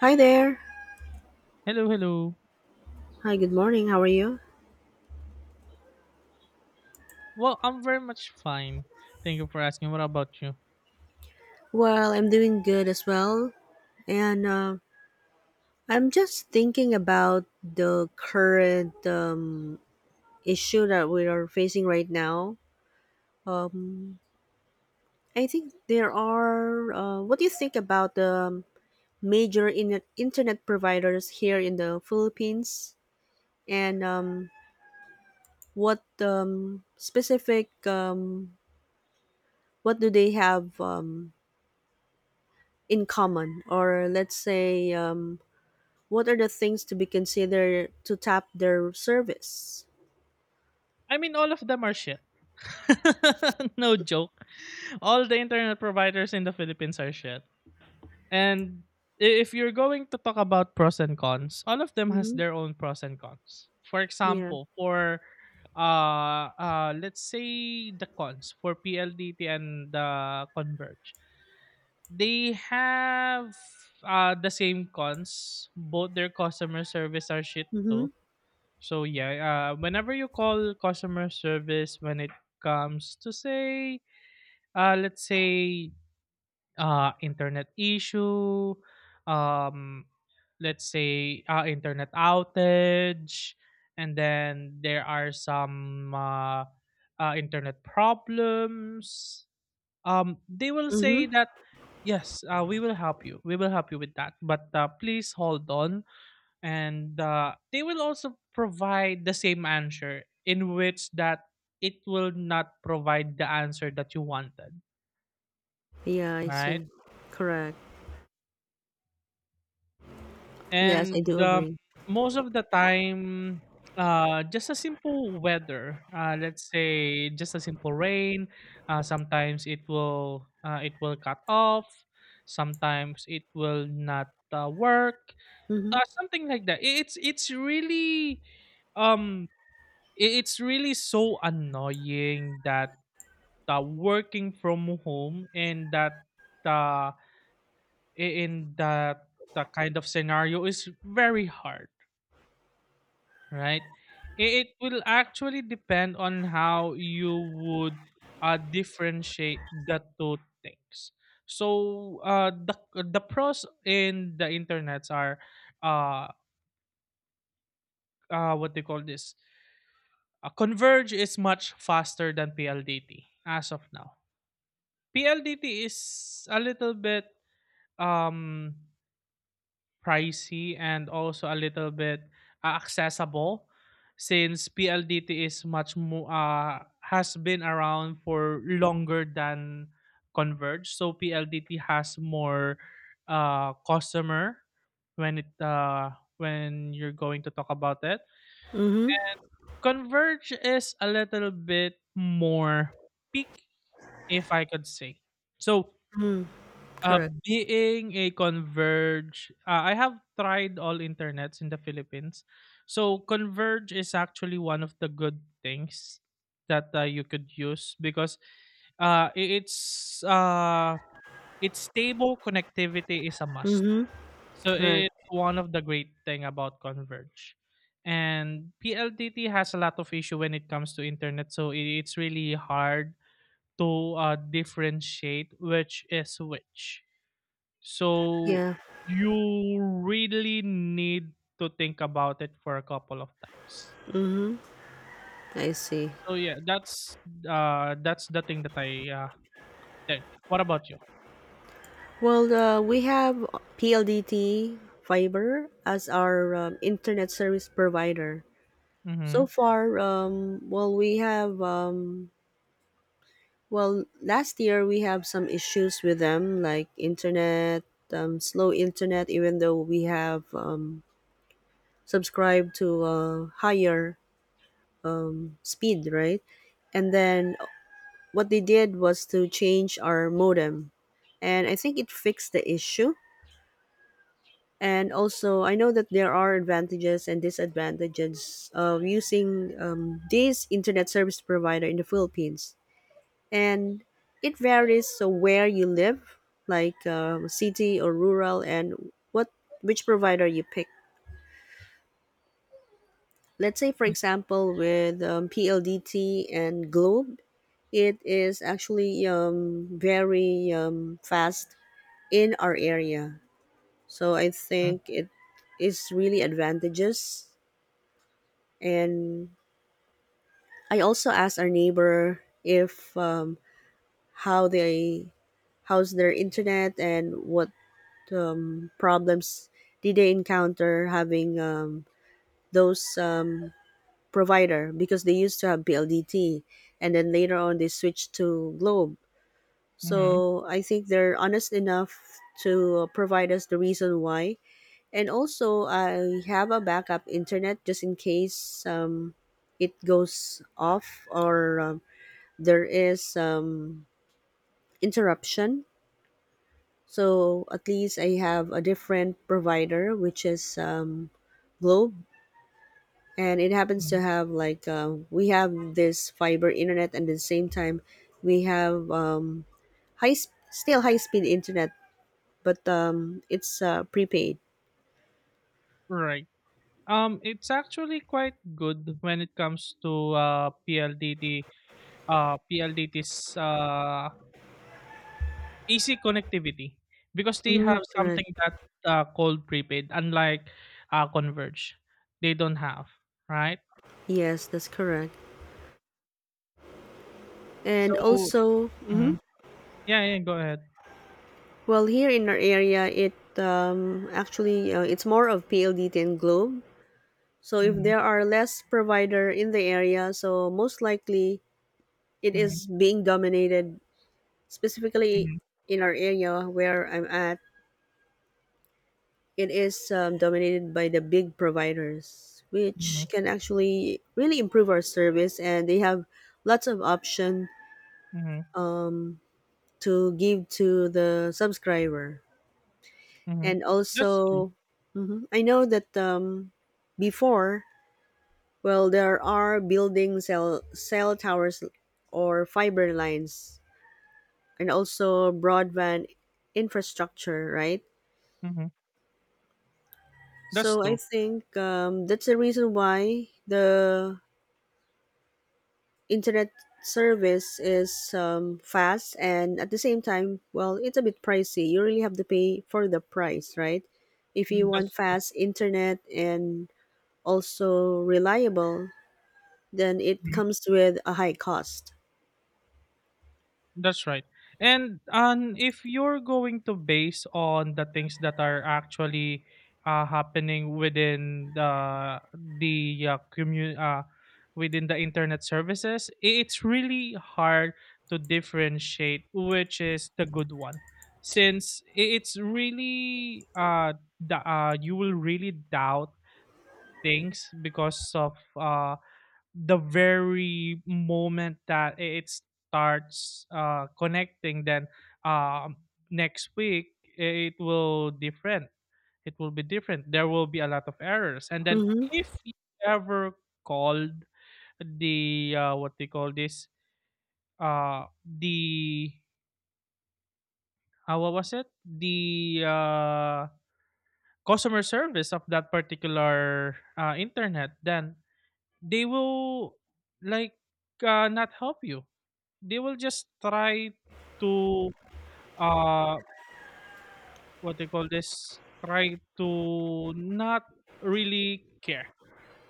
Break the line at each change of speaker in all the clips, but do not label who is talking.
Hi there.
Hello, hello.
Hi, good morning. How are you?
Well, I'm very much fine. Thank you for asking. What about you?
Well, I'm doing good as well. And I'm just thinking about the current issue that we are facing right now. Um, I think what do you think about the major internet providers here in the Philippines? And what what do they have in common? Or let's say, what are the things to be considered to tap their service?
I mean, all of them are shit. No joke. All the internet providers in the Philippines are shit. And if you're going to talk about pros and cons, all of them has
Mhm.
their own pros and cons. For
Yeah.
example, for let's say the cons for PLDT and the Converge. They have the same cons. Both their customer service are shit
Mhm.
too. So yeah, whenever you call customer service when it comes to say, let's say, internet issue, um, let's say, internet outage, and then there are some internet problems, they will say
Mhm.
that yes, we will help you with that, but please hold on, and they will also provide the same answer in which that it will not provide the answer that you wanted,
Yeah, I
right.
see. Correct. Yes, I
And
do agree.
most of the time, just a simple weather. Let's say just a simple rain. Sometimes it will cut off. Sometimes it will not work.
Mhm.
Something like that. Um it's really so annoying that, working from home and that, uh, in that, the kind of scenario is very hard, right? It will actually depend on how you would differentiate the two things. So, the pros in the internets are, uh, what they call this. Converge is much faster than PLDT as of now. PLDT is a little bit um pricey, and also a little bit accessible, since PLDT is much more has been around for longer than Converge. So PLDT has more customer when it uh, when you're going to talk about it.
Mhm.
Converge is a little bit more peak, if I could say. So,
Mhm.
uh,
Correct.
being a Converge, I have tried all internets in the Philippines. So Converge is actually one of the good things that you could use, because uh, i- it's uh, it's stable connectivity is a must.
Mhm.
So
Correct.
it's one of the great thing about Converge. And PLDT has a lot of issue when it comes to internet, so it's really hard to differentiate which is which, so
Yeah.
you really need to think about it for a couple of times.
Mhm. I see.
So yeah, that's the thing that I think. What about you?
Well, we have PLDT Fiber as our internet service provider. So
Mhm.
far, well, we have Well, last year we have some issues with them, like slow internet, even though we have subscribed to a higher speed, right? And then what they did was to change our modem. And I think it fixed the issue. And also, I know that there are advantages and disadvantages of using this internet service provider in the Philippines, and it varies so where you live, like city or rural, and what which provider you pick. Let's say, for example, with PLDT and globe, it is actually very fast in our area. So I
Mhm.
think it is really advantageous. And I also asked our neighbor if how they how's their internet and what problems did they encounter having those provider, because they used to have BLDT and then later on they switched to Globe.
Mhm.
So I think they're honest enough to provide us the reason why. And also, I have a backup internet just in case it goes off or there is interruption. So at least I have a different provider, which is Globe, and it happens to
Mhm.
have, like, we have this fiber internet, and at the same time we have still high speed internet, but it's prepaid.
Right. It's actually quite good when it comes to, PLDT's easy connectivity, because they
Mm,
have
correct.
something that, called prepaid, unlike Converge. They don't have, right?
Yes, that's correct. And
So.
also, mhm.
Mhm. Yeah, yeah, go ahead.
Well, here in our area, it actually, it's more of PLDT and Globe. So if
Mhm,
there are less provider in the area, so most likely it
mhm,
is being dominated specifically
mhm,
in our area where I'm at. It is dominated by the big providers,
mhm,
which can actually really improve our service, and they have lots of option
mhm,
um, to give to the subscriber.
mhm.
And
That's true.
also, mhm, I know that before, well, there are building cell towers or fiber lines and also broadband infrastructure, right?
Mhm. That's
So I
true.
think that's the reason why the internet service is fast, and at the same time, well, it's a bit pricey. You really have to pay for the price, right? If you
Mm,
want
that's true.
fast internet and also reliable, then it
Mhm.
comes with a high cost.
That's right. And if you're going to base on the things that are actually happening within within the internet services, it's really hard to differentiate which is the good one, since it's really, you will really doubt things because of, the very moment that it starts connecting, then, um, next week it will different. it will be different. There will be a lot of errors, and then
Mm-hmm.
if you ever called the, what they call this, the what was it, the customer service of that particular internet, then they will, like, not help you. They will just try to, uh what they call this, try to not really care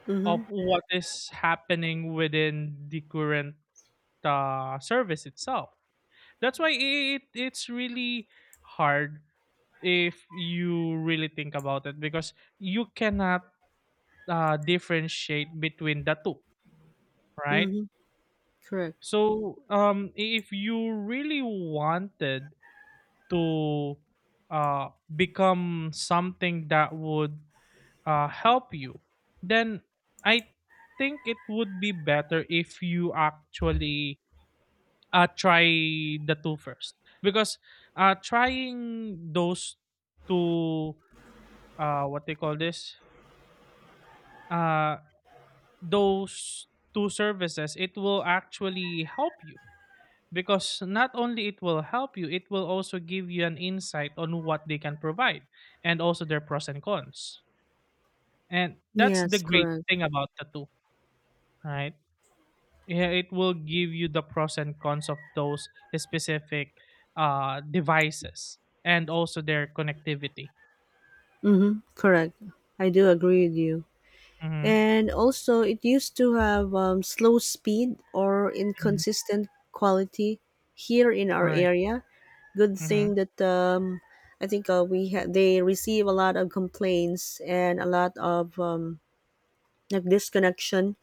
Mm-hmm.
of what is happening within the current service itself. That's why it's really hard if you really think about it, because you cannot differentiate between the two, right?
Mm-hmm. Correct.
So, if you really wanted to, uh, become something that would help you, then I think it would be better if you actually try the two first. Because, trying those two, what they call this, uh, those two services, it will actually help you, because not only it will help you, it will also give you an insight on what they can provide, and also their pros and cons. And that's the
Yes,
great
correct.
thing about the two, right? Yeah, it will give you the pros and cons of those specific devices, and also their connectivity.
Mm-hmm. Correct. I do agree with you.
Hmm.
And also, it used to have slow speed or
Hmm.
inconsistent quality here in our
Right.
area. Good
Hmm.
thing that I think they receive a lot of complaints and a lot of like disconnection.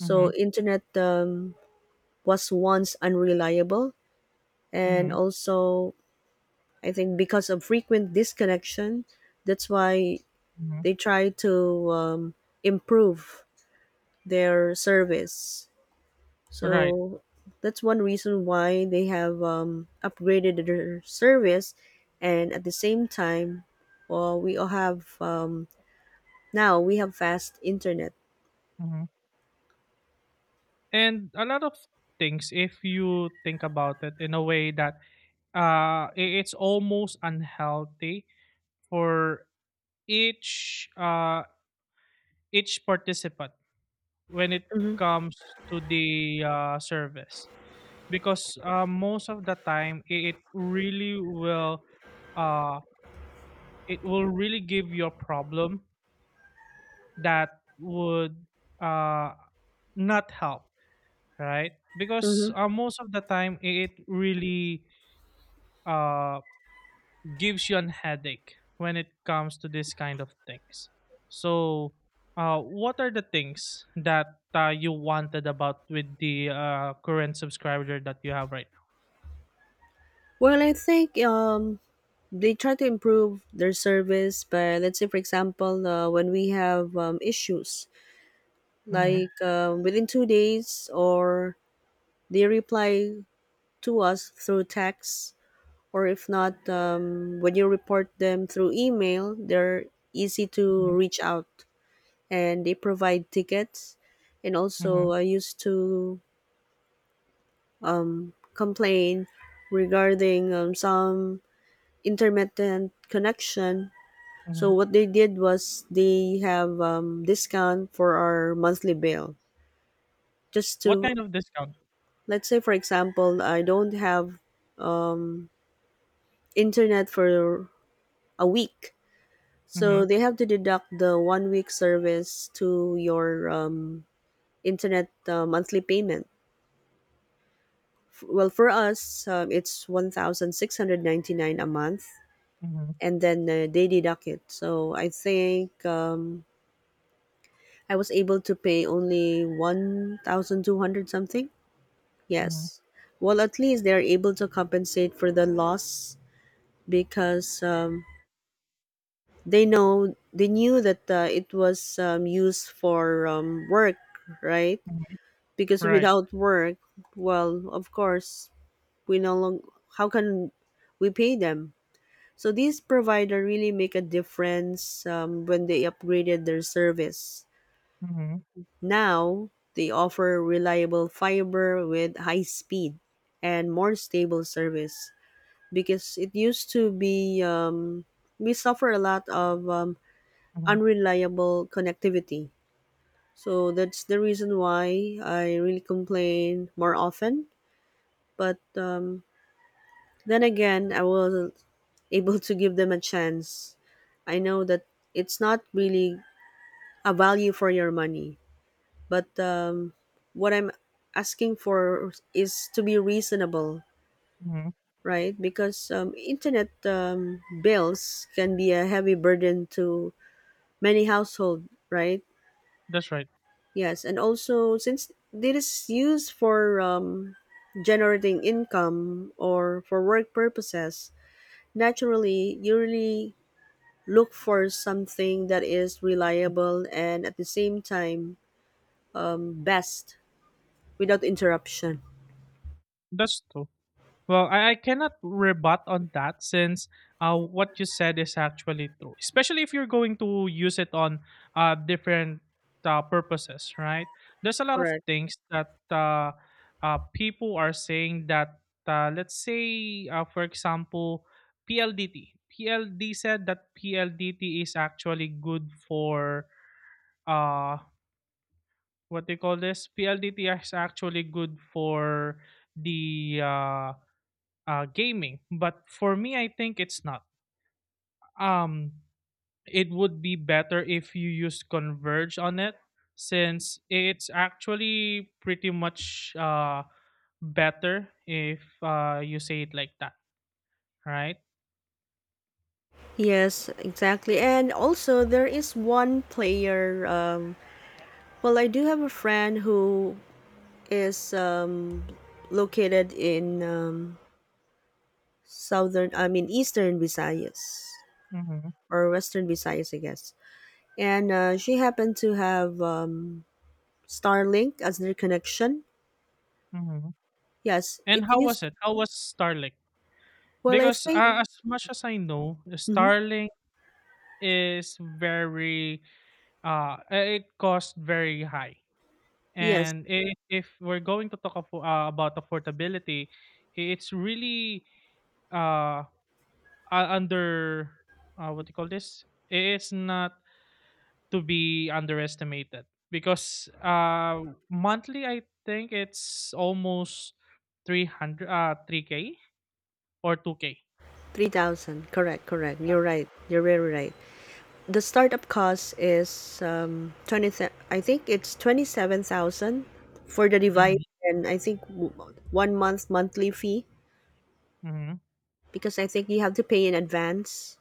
Hmm.
internet was once unreliable, and
Hmm.
also I think because of frequent disconnection, that's why
Hmm.
they try to improve their service.
Right.
So that's one reason why they have upgraded their service, and at the same time, well, we all have now we have fast internet.
Hmm. And a lot of things, if you think about it, in a way that, it's almost unhealthy for each uh each participant when it
Hmm.
comes to the service, because most of the time it really will, uh it will really give you a problem that would uh not help, right?
Hmm.
Because most of the time it really uh gives you an headache when it comes to this kind of things. So, what are the things that you wanted about with the current subscriber that you have right now?
Well, I think they try to improve their service. But let's say, for example, when we have issues,
Mm-hmm,
like, within 2 days, or they reply to us through text. Or if not, when you report them through email, they're easy to reach out and they provide tickets. And
mm-hmm,
also, I used to complain regarding some intermittent connection.
hmm.
So what they did was they have discount for our monthly bill. Just
What
to
kind of discount?
let's say, for example, I don't have um, internet for a week.
Mm-hmm,
So they have to deduct the one week service to your internet monthly payment. Well, for us, it's 1,699 a month,
mm-hmm,
and then they deduct it. So I think I was able to pay only 1,200 something.
hmm.
Yes. Well, at least they are able to compensate for the loss, because they knew that it was used for work, right? Because
Right.
without work, well, of course, we no longer how can we pay them? So these provider really make a difference when they upgraded their service.
Mm-hmm,
Now they offer reliable fiber with high speed and more stable service, because it used to be, we suffer a lot of
mm-hmm,
unreliable connectivity. So that's the reason why I really complain more often. But then again, I was able to give them a chance. I know that it's not really a value for your money, but what I'm asking for is to be reasonable,
hmm.
right? Because internet bills can be a heavy burden to many household, right?
That's right.
Yes, and also since it is used for generating income or for work purposes, naturally, you really look for something that is reliable and at the same time best without interruption.
That's true. Well, I cannot rebut on that, since what you said is actually true, especially if you're going to use it on different purposes, right? There's a lot of
Correct.
things that, people are saying that, let's say, for example, PLDT. PLD said that PLDT is actually good for, uh, what do you call this? PLDT is actually good for the, gaming. But for me, I think it's not. Um, it would be better if you use Converge on it, since it's actually pretty much better if you say it like that, right?
Yes, exactly. And also, there is one player. Well, I do have a friend who is located in southern, I mean, eastern Visayas
Mm-hmm,
or western Visayas, I guess. And she happened to have Starlink as their connection.
mm-hmm.
Yes,
And
it
how was
used
it? How was Starlink?
Well, I
Because,
think,
as much as I know,
mhm,
Starlink is very, it cost very high.
yes,
And if we're going to talk affo about affordability, I it's really, uh, uh, under, what do you call this? It is not to be underestimated because, monthly, I think it's almost 300, 3K or 2K.
3,000. Correct, correct. You're right. You're very right. The startup cost is 20. I think it's 27,000 for the device,
Mhm,
and I think one month monthly fee,
mhm,
because I think you have to pay in advance.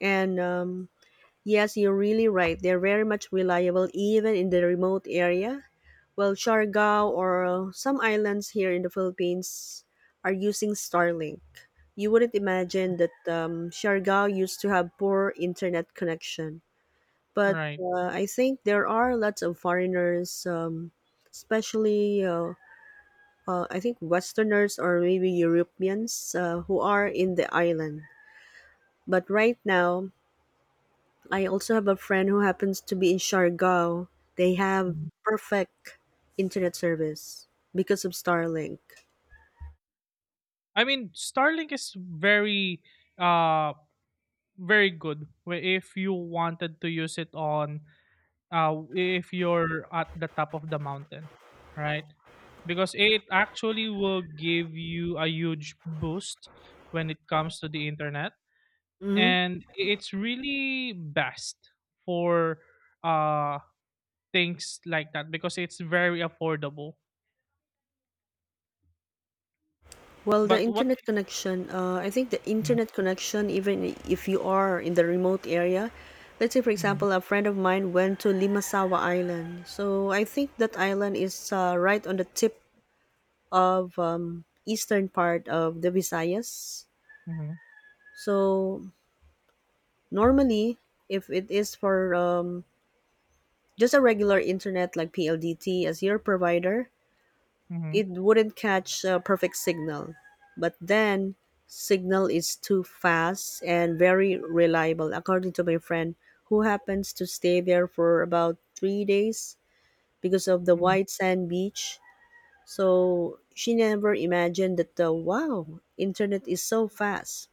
And yes, you're really right. They're very much reliable even in the remote area. Well, Siargao or some islands here in the Philippines are using Starlink. You wouldn't imagine that Siargao used to have poor internet connection. But
right.
I think there are lots of foreigners, especially I think Westerners or maybe Europeans who are in the island. But right now, I also have a friend who happens to be in Siargao. They have
Mhm.
perfect internet service because of Starlink.
I mean, Starlink is very, uh, very good, where if you wanted to use it on, if you're at the top of the mountain, right? Because it actually will give you a huge boost when it comes to the internet,
Mhm.
and it's really best for, uh things like that, because it's very affordable.
Well,
But what can
I think the
you?
internet connection, even if you are in the remote area, let's say, for
Hmm.
example, a friend of mine went to Limasawa Island. So I think that island is right on the tip of eastern part of the Visayas.
Hmm.
So normally, if it is for just a regular internet like PLDT as your provider,
Hmm.
it wouldn't catch a perfect signal. But then, signal is too fast and very reliable, according to my friend, who happens to stay there for about 3 days because of the white sand beach. So she never imagined that the, wow, internet is so fast.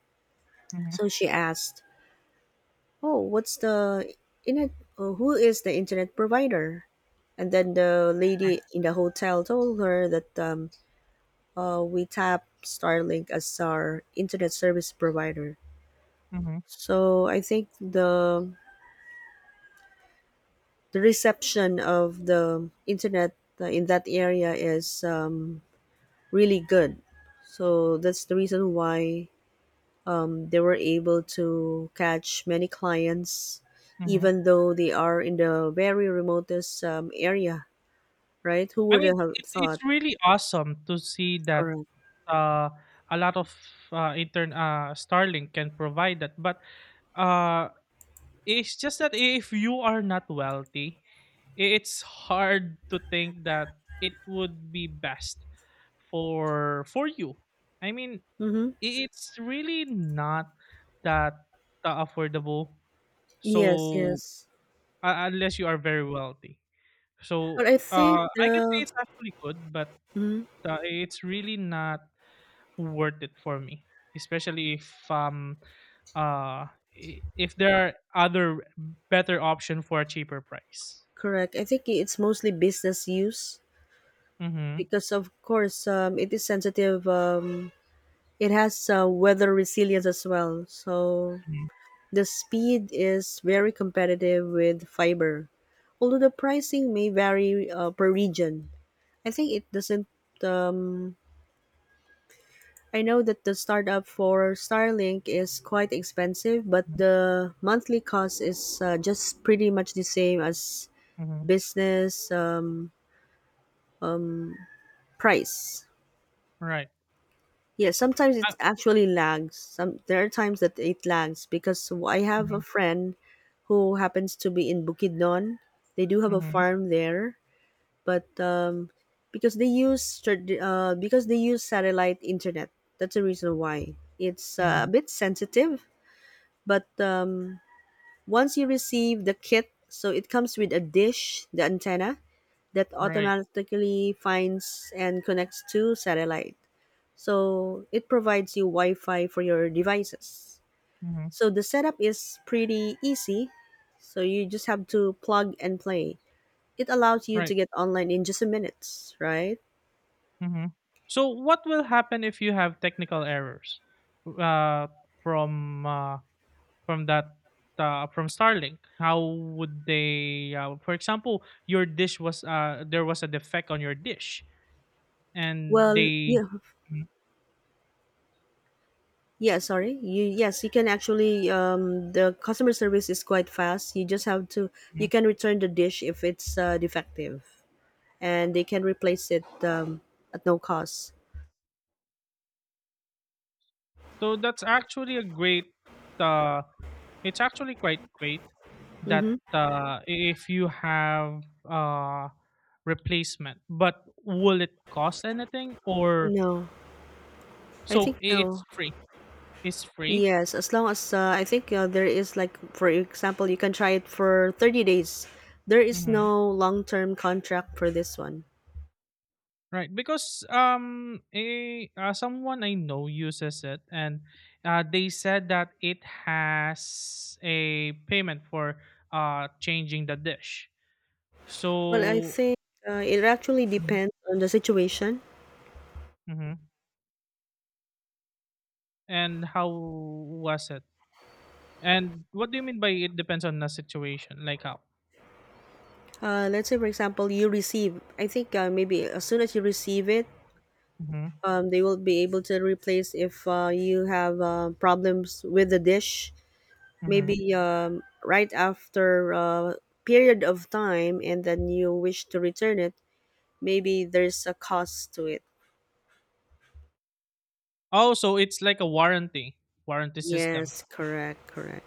Hmm.
So she asked, "Oh, what's the internet? Who is the internet provider?" And then the lady in the hotel told her that we tap Starlink as our internet service provider. So I think the reception of the internet in that area is really good. So that's the reason why they were able to catch many clients,
Hmm.
even though they are in the very remotest area, right? Who
I
would
mean,
have
it's
thought?
really awesome to see that,
Correct.
uh, a lot of, intern Starlink can provide that, but, uh, it's just that if you are not wealthy, it's hard to think that it would be best for you. I mean,
Mm-hmm.
it's really not that affordable.
Yes,
So,
yes.
unless you are very wealthy,
But
so,
I think
I can say
the
it's actually good, but,
Mm-hmm.
it's really not worth it for me, especially uh if there are other better option for a cheaper price.
Correct. I think it's mostly business use,
Mm-hmm.
because, of course, it is sensitive. It has weather resilience as well. So
Mm-hmm.
the speed is very competitive with fiber, although the pricing may vary per region. I think it doesn't. Um, I know that the startup for Starlink is quite expensive, but the monthly cost is just pretty much the same as
Mm-hmm.
business price.
Right.
Yeah, sometimes
Uh,
it actually lags. Some there are times that it lags because I have a
mm-hmm.
friend who happens to be in Bukidnon. They do have a
Mm-hmm.
farm there, but because they use satellite internet, that's the reason why it's
Mm-hmm.
a bit sensitive. But once you receive the kit, so it comes with a dish, the antenna, that
Right.
automatically finds and connects to satellite. So it provides you Wi Fi for your devices.
Mm-hmm.
So the setup is pretty easy. So you just have to plug and play. It allows you
Right.
to get online in just a minute, right?
Mm-hmm. So what will happen if you have technical errors, uh, from uh, from that, from Starlink? How would they? For example, your dish was there was a defect on your dish, and
Well,
they...
yeah,
Mhm,
yeah. Sorry, you yes, you can actually. The customer service is quite fast. You just have to. You
mhm.
can return the dish if it's defective, and they can replace it at no cost.
So that's actually a great uh it's actually quite great that,
Mm-hmm.
if you have uh replacement. But will it cost anything, or
No, I
so
think no.
it's free. It's free.
Yes, as long as I think there is, like, for example, you can try it for 30 days. There is
Mhm.
no long-term contract for this one.
Right, because someone I know uses it, and they said that it has a payment for changing the dish.
Well, I
So.
think it actually
Mhm,
depends on the situation.
mhm. And how was it? And what do you mean by it depends on the situation? Like how?
Let's say, for example, you receive, I think maybe as soon as you receive it,
Mhm,
they will be able to replace if you have problems with the dish.
mhm.
Maybe right after a period of time and then you wish to return it, maybe there's a cost to it.
Oh, so it's like a warranty system.
Yes, correct, correct.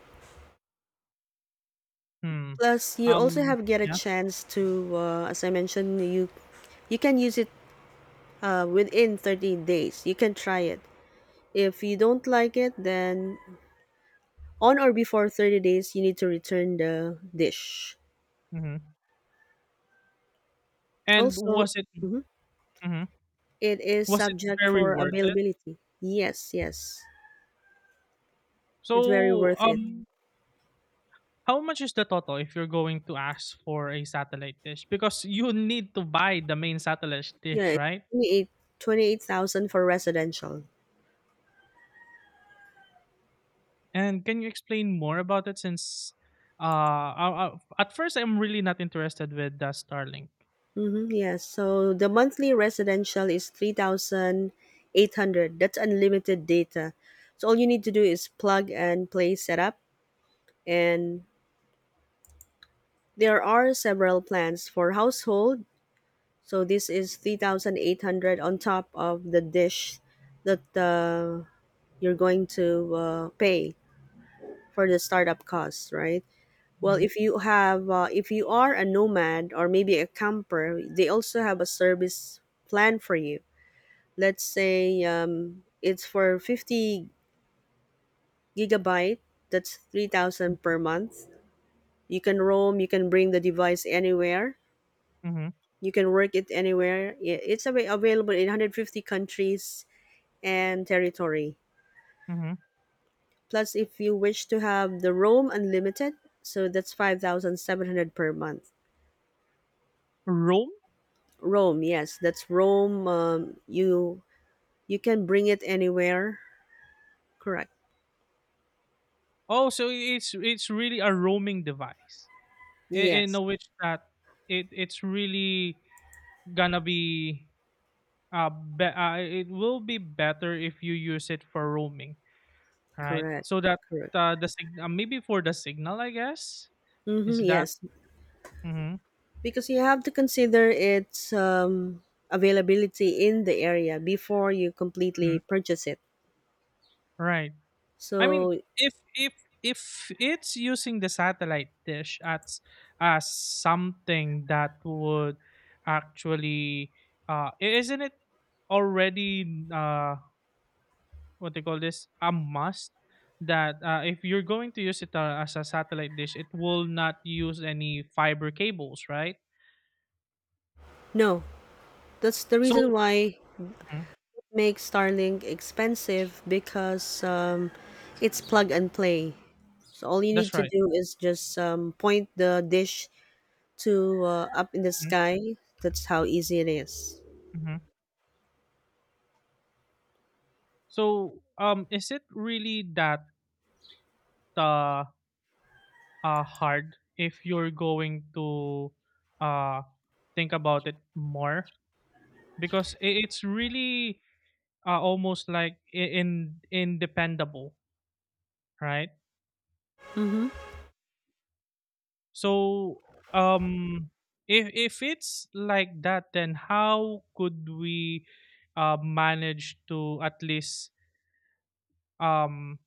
Hmm.
Plus, you also have get a
Yeah.
chance to, as I mentioned, you can use it within 30 days. You can try it. If you don't like it, then on or before 30 days, you need to return the dish.
Mhm. And
Also,
was it?
mhm,
Mhm.
it is
Was it
subject
very
for
worth it?
availability. Yes, yes. It's very
So,
worth it.
how much is the total if you're going to ask for a satellite dish? Because you need to buy the main satellite
Yeah,
dish,
it's
right?
28 28,000 for residential.
And can you explain more about it, since at first I'm really not interested with the Starlink.
Mm-hmm, yes. So the monthly residential is 3,800. That's unlimited data. So all you need to do is plug and play setup. And there are several plans for household. So this is 3,800 on top of the dish that you're going to pay for the startup costs, right? Well,
Mhm,
if you are a nomad or maybe a camper, they also have a service plan for you. Let's say it's for 50 gigabyte. That's 3,000 per month. You can roam, you can bring the device anywhere,
mhm,
you can work it anywhere. It's available in 150 countries and territory.
mhm.
Plus, if you wish to have the roam unlimited, so that's 5,700 per month.
Roam?
Roam? Yes, that's roam. You can bring it anywhere. Correct.
Oh, so it's really a roaming device in, in
Yes,
a which that it's really gonna be, it will be better if you use it for roaming, right?
correct,
So that,
correct.
maybe for the signal, I guess,
Mm-hmm,
is that.
yes.
Hmm.
Because you have to consider its availability in the area before you completely purchase it.
Right. I mean,
So,
if if if it's using the satellite dish, as something that would actually, isn't it already, what they call this, a must that, if you're going to use it, as a satellite dish, it will not use any fiber cables, right?
no, that's the
So.
reason why
Mhm,
it makes Starlink expensive, because it's plug and play. So, all you need
that's
to
right.
do is just point the dish to up in the
Mhm,
sky. That's how easy it is.
mhm. So, is it really that, uh hard, if you're going to, uh, think about it more, because it's really, almost like, I- in independable, right?
Mm-hmm.
So, um, if it's like that, then how could we, manage to at least, um,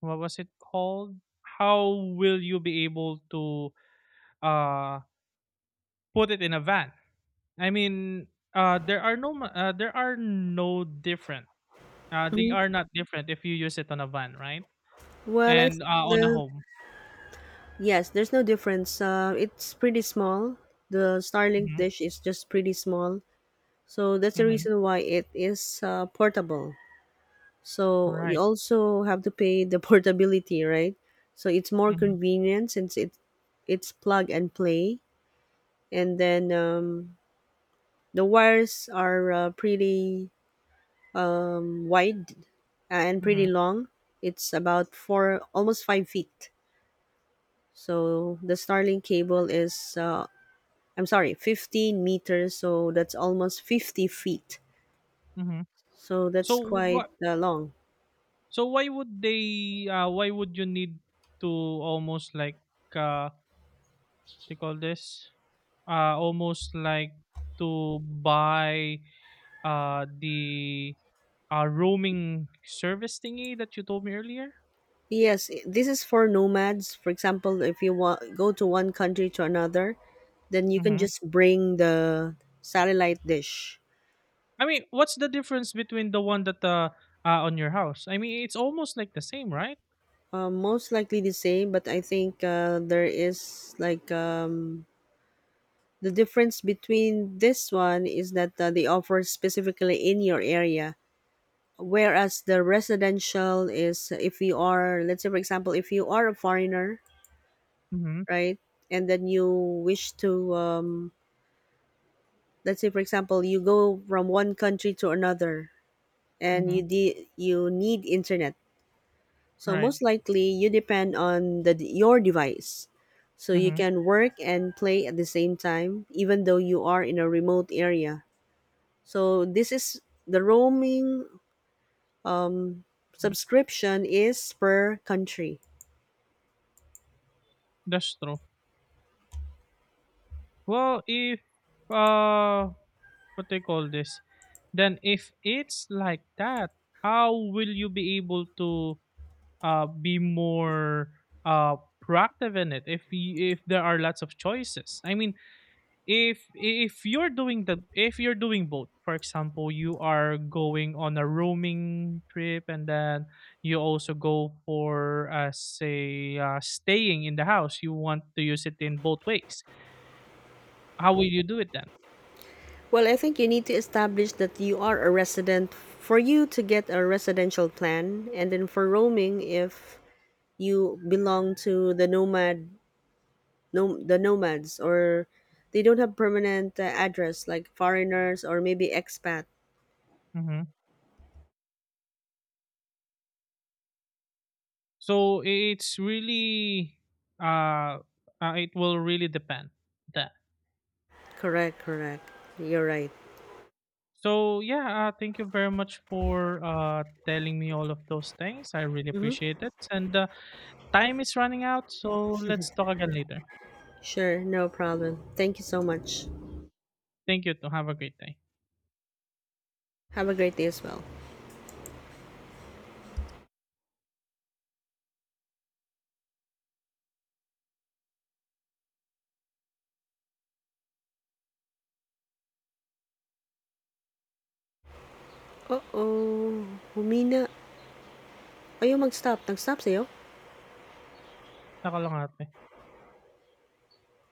what was it called? How will you be able to, uh, put it in a van? I mean, there are no different.
Mm-hmm.
They
Hmm.
are not different if you use it on a van, right?
Well, I think
And on a
the
home.
yes, there's no difference. It's pretty small. The Starlink
Mm-hmm.
dish is just pretty small, so that's the
Mm-hmm.
reason why it is portable. So you
Right.
also have to pay the portability, right? So it's more
Mm-hmm.
convenient, since it's plug and play, and then the wires are pretty wide and pretty
Mm-hmm.
long. It's about four, almost 5 feet. So the Starlink cable is, I'm sorry, 15 meters. So that's almost 50 feet.
Mm-hmm.
So
So
that's quite
what?
long.
So why would they? Why would you need to, almost like, what do you call this? Almost like to buy, the roaming service thingy that you told me earlier.
Yes, this is for nomads. For example, if you want go to one country to another, then you can
Mm-hmm.
just bring the satellite dish.
I mean, what's the difference between the one that, on your house? I mean, it's almost like the same, right?
Most likely the same, but I think there is, like, the difference between this one is that they offer specifically in your area, whereas the residential is if you are, let's say for example, if you are a foreigner,
Mhm.
right, and then you wish to, let's say for example, you go from one country to another, and
Mhm.
you you need internet. So
Right.
most likely you depend on the your device. So you
Mhm.
can work and play at the same time, even though you are in a remote area. So this is the roaming
Mhm.
subscription is per country.
That's true. Well, if, uh what they call this? Then if it's like that, how will you be able to be more proactive in it, if there are lots of choices? I mean, if you're doing the if you're doing both, for example, you are going on a roaming trip, and then you also go for, say, staying in the house. You want to use it in both ways. How will you do it then?
Well, I think you need to establish that you are a resident for you to get a residential plan, and then for roaming, if you belong to the nomad, no, the nomads, or they don't have permanent address, like foreigners or maybe expat.
Hmm. So uh, it will really depend that.
Correct, correct. You're right.
So yeah, thank you very much for telling me all of those things. I really
Mm-hmm.
appreciate it, and time is running out, so let's talk again later.
Sure, no problem, thank you so much.
Thank you, to have a great day.
Have a great day as well. Oh, humina ayaw mag-stop nag-stop sa'yo.
Nakalangate.